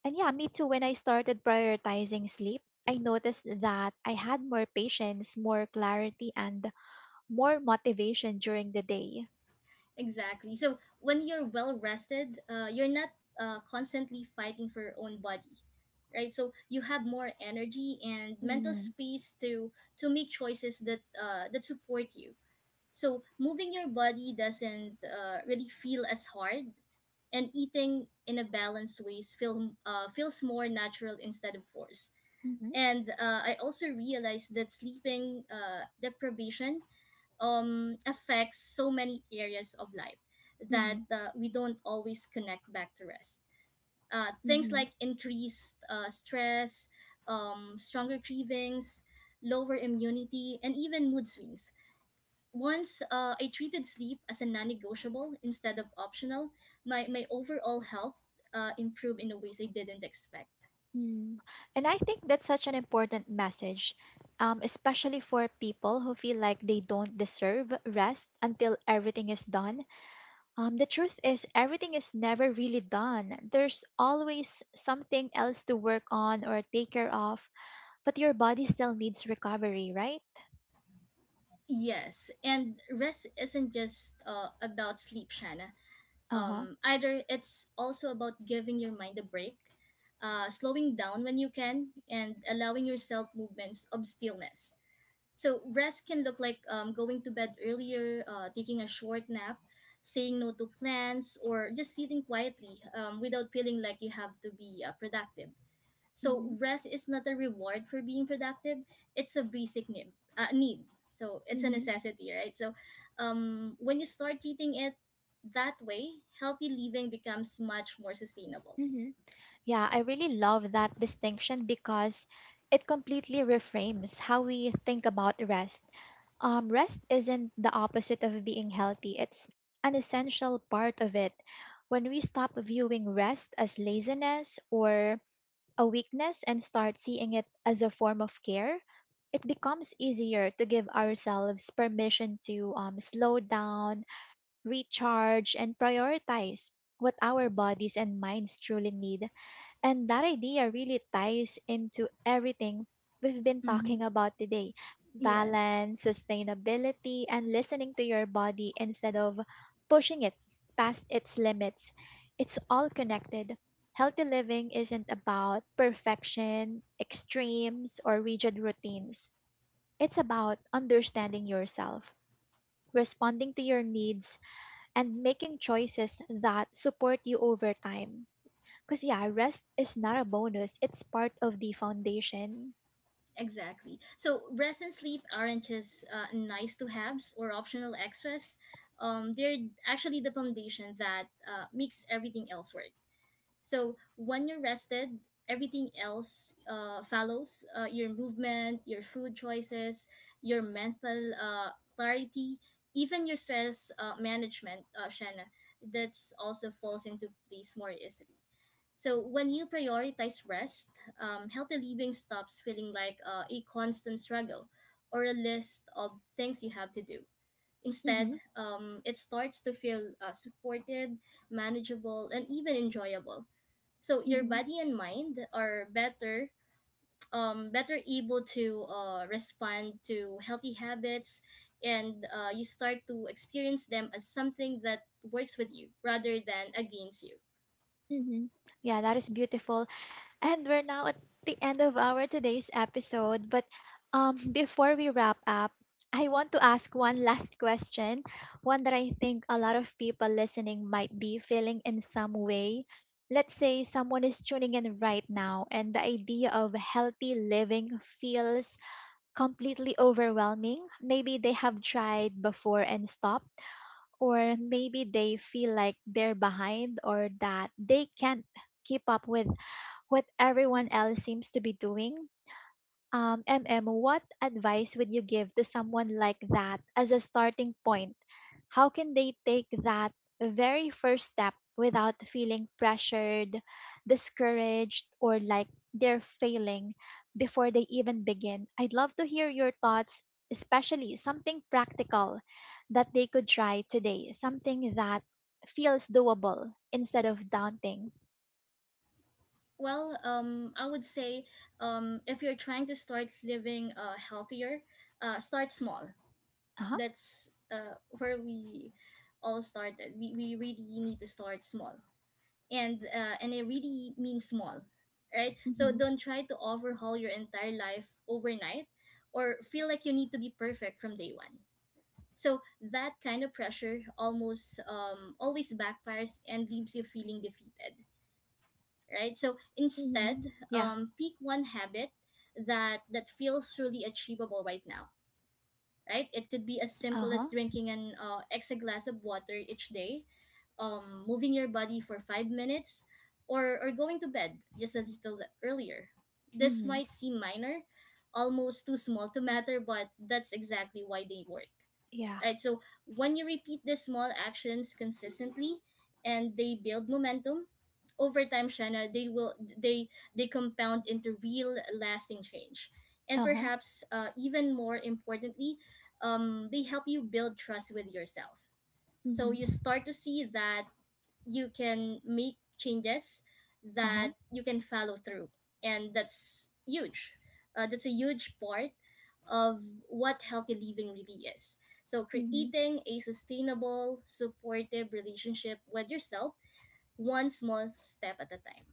And yeah, me too, when I started prioritizing sleep, I noticed that I had more patience, more clarity, and more motivation during the day.
Exactly. So when you're well rested, uh, you're not uh, constantly fighting for your own body, right? So you have more energy and mental
Mm-hmm.
space to to make choices that uh, that support you. So moving your body doesn't uh, really feel as hard, and eating in a balanced ways feel uh, feels more natural instead of force.
Mm-hmm.
And uh, I also realized that sleeping uh, deprivation um, affects so many areas of life that uh, we don't always connect back to rest. Uh, things
Mm-hmm.
like increased uh, stress, um, stronger cravings, lower immunity, and even mood swings. Once uh, I treated sleep as a non negotiable instead of optional, my, my overall health uh, improved in a ways I didn't expect.
Mm. And I think that's such an important message, um, especially for people who feel like they don't deserve rest until everything is done. Um, the truth is, everything is never really done. There's always something else to work on or take care of, but your body still needs recovery, right?
Yes, and rest isn't just uh, about sleep, Shanna,
Uh huh.
um, either. It's also about giving your mind a break, uh, slowing down when you can, and allowing yourself movements of stillness. So rest can look like um, going to bed earlier, uh, taking a short nap, saying no to plans, or just sitting quietly um, without feeling like you have to be uh, productive. So
Mm-hmm.
rest is not a reward for being productive; it's a basic need. Uh, need. So it's a
Mm-hmm.
necessity, right? So, um, when you start treating it that way, healthy living becomes much more sustainable.
Mm-hmm. Yeah, I really love that distinction because it completely reframes how we think about rest. Um, rest isn't the opposite of being healthy, it's an essential part of it. When we stop viewing rest as laziness or a weakness and start seeing it as a form of care, it becomes easier to give ourselves permission to um, slow down, recharge, and prioritize what our bodies and minds truly need, and that idea really ties into everything we've been
Mm-hmm.
talking about today:
Yes,
balance, sustainability, and listening to your body instead of pushing it past its limits. It's all connected. Healthy living isn't about perfection, extremes, or rigid routines. It's about understanding yourself, responding to your needs, and making choices that support you over time. Because, yeah, rest is not a bonus, it's part of the foundation.
exactly. So rest and sleep aren't just uh, nice to haves or optional extras. Um, they're actually the foundation that uh, makes everything else work. So when you're rested, everything else uh, follows, uh, your movement, your food choices, your mental uh, clarity, even your stress uh, management, uh, Shanna. That's also falls into place more easily. So when you prioritize rest, um, healthy living stops feeling like uh, a constant struggle or a list of things you have to do.
Mm-hmm.
Instead, um, it starts to feel uh, supported, manageable, and even enjoyable. So your
Mm-hmm.
body and mind are better um better able to uh respond to healthy habits, and uh, you start to experience them as something that works with you rather than against you.
Mm-hmm. Yeah, that is beautiful. And we're now at the end of our today's episode. But um, before we wrap up, I want to ask one last question, one that I think a lot of people listening might be feeling in some way. Let's say someone is tuning in right now, and the idea of healthy living feels completely overwhelming. Maybe they have tried before and stopped, or maybe they feel like they're behind or that they can't keep up with what everyone else seems to be doing. Um, MM, what advice would you give to someone like that as a starting point? How can they take that very first step without feeling pressured, discouraged, or like they're failing before they even begin? I'd love to hear your thoughts, especially something practical that they could try today, something that feels doable instead of daunting.
Well, um I would say, um if you're trying to start living uh healthier, uh start small.
Uh huh.
That's uh where we all started. We, we really need to start small, and uh, and it really means small, right? So
Mm-hmm.
don't try to overhaul your entire life overnight or feel like you need to be perfect from day one. So that kind of pressure almost um, always backfires and leaves you feeling defeated, right? So
Mm-hmm.
instead,
Yeah.
um, pick one habit that that feels truly achievable right now, right? It could be as simple
Uh-huh.
as drinking an uh, extra glass of water each day, um, moving your body for five minutes, or, or going to bed just a little earlier. This
Mhm.
might seem minor, almost too small to matter, but that's exactly why they work,
Yeah.
right? So when you repeat these small actions consistently and they build momentum, over time, Shanna, they will they they compound into real lasting change. And
Uh-huh.
perhaps uh, even more importantly, um, they help you build trust with yourself. So
Mhm.
you start to see that you can make changes,
Uh-huh.
that you can follow through, and that's huge. Uh, that's a huge part of what healthy living really is. So
Mhm.
creating a sustainable supportive relationship with yourself, one small step at a time.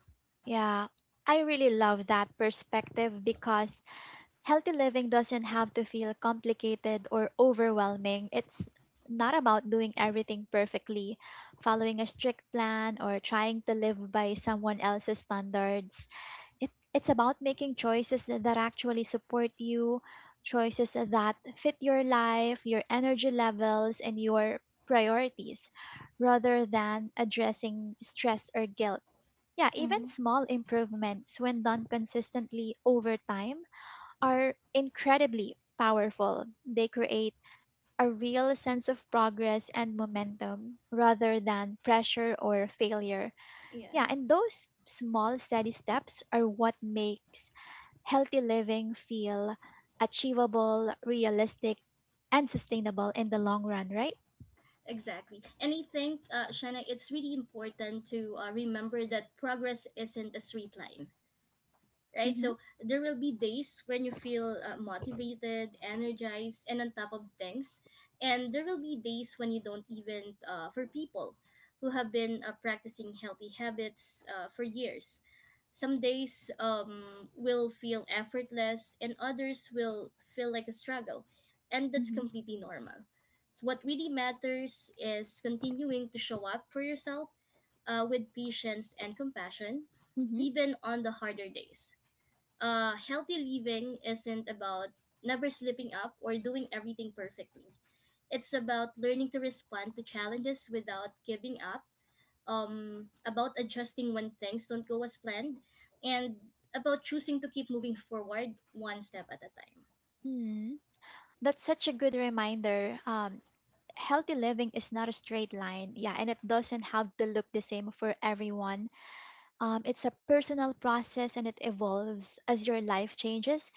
Yeah. I really love that perspective because healthy living doesn't have to feel complicated or overwhelming. It's not about doing everything perfectly, following a strict plan, or trying to live by someone else's standards. it, it's about making choices that actually support you, choices that fit your life, your energy levels, and your priorities, rather than addressing stress or guilt. Yeah, even
Mm-hmm.
small improvements, when done consistently over time, are incredibly powerful. They create a real sense of progress and momentum rather than pressure or failure. Yeah,
Yes,
and those small, steady steps are what makes healthy living feel achievable, realistic, and sustainable in the long run, right?
exactly. And I think, uh, Shanna, it's really important to uh, remember that progress isn't a straight line, right?
Mm-hmm,
So there will be days when you feel uh, motivated, energized, and on top of things. And there will be days when you don't, even, uh, for people who have been uh, practicing healthy habits uh, for years. Some days um, will feel effortless, and others will feel like a struggle. And that's
mm-hmm,
completely normal. So what really matters is continuing to show up for yourself uh, with patience and compassion,
mm-hmm,
even on the harder days. Uh, healthy living isn't about never slipping up or doing everything perfectly. It's about learning to respond to challenges without giving up, um, about adjusting when things don't go as planned, and about choosing to keep moving forward one step at a time.
mm-hmm. That's such a good reminder. Um, healthy living is not a straight line, yeah, and it doesn't have to look the same for everyone. Um, it's a personal process and it evolves as your life changes.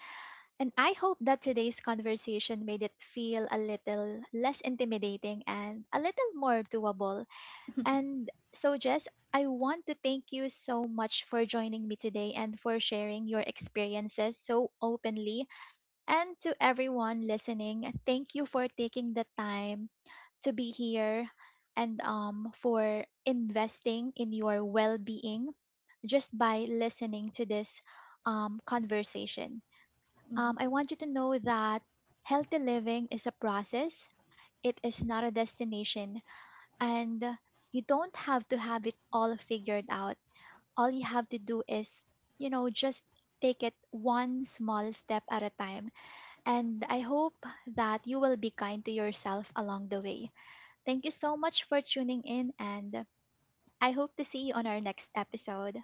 And I hope that today's conversation made it feel a little less intimidating and a little more doable. And so, Jess, I want to thank you so much for joining me today and for sharing your experiences so openly. And to everyone listening, thank you for taking the time to be here and um, for investing in your well being just by listening to this um, conversation. Um, I
Mm-hmm.
want you to know that healthy living is a process, it is not a destination, and uh, you don't have to have it all figured out. All you have to do is, you know, just take it one small step at a time. And I hope that you will be kind to yourself along the way. Thank you so much for tuning in, and I hope to see you on our next episode.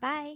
Bye.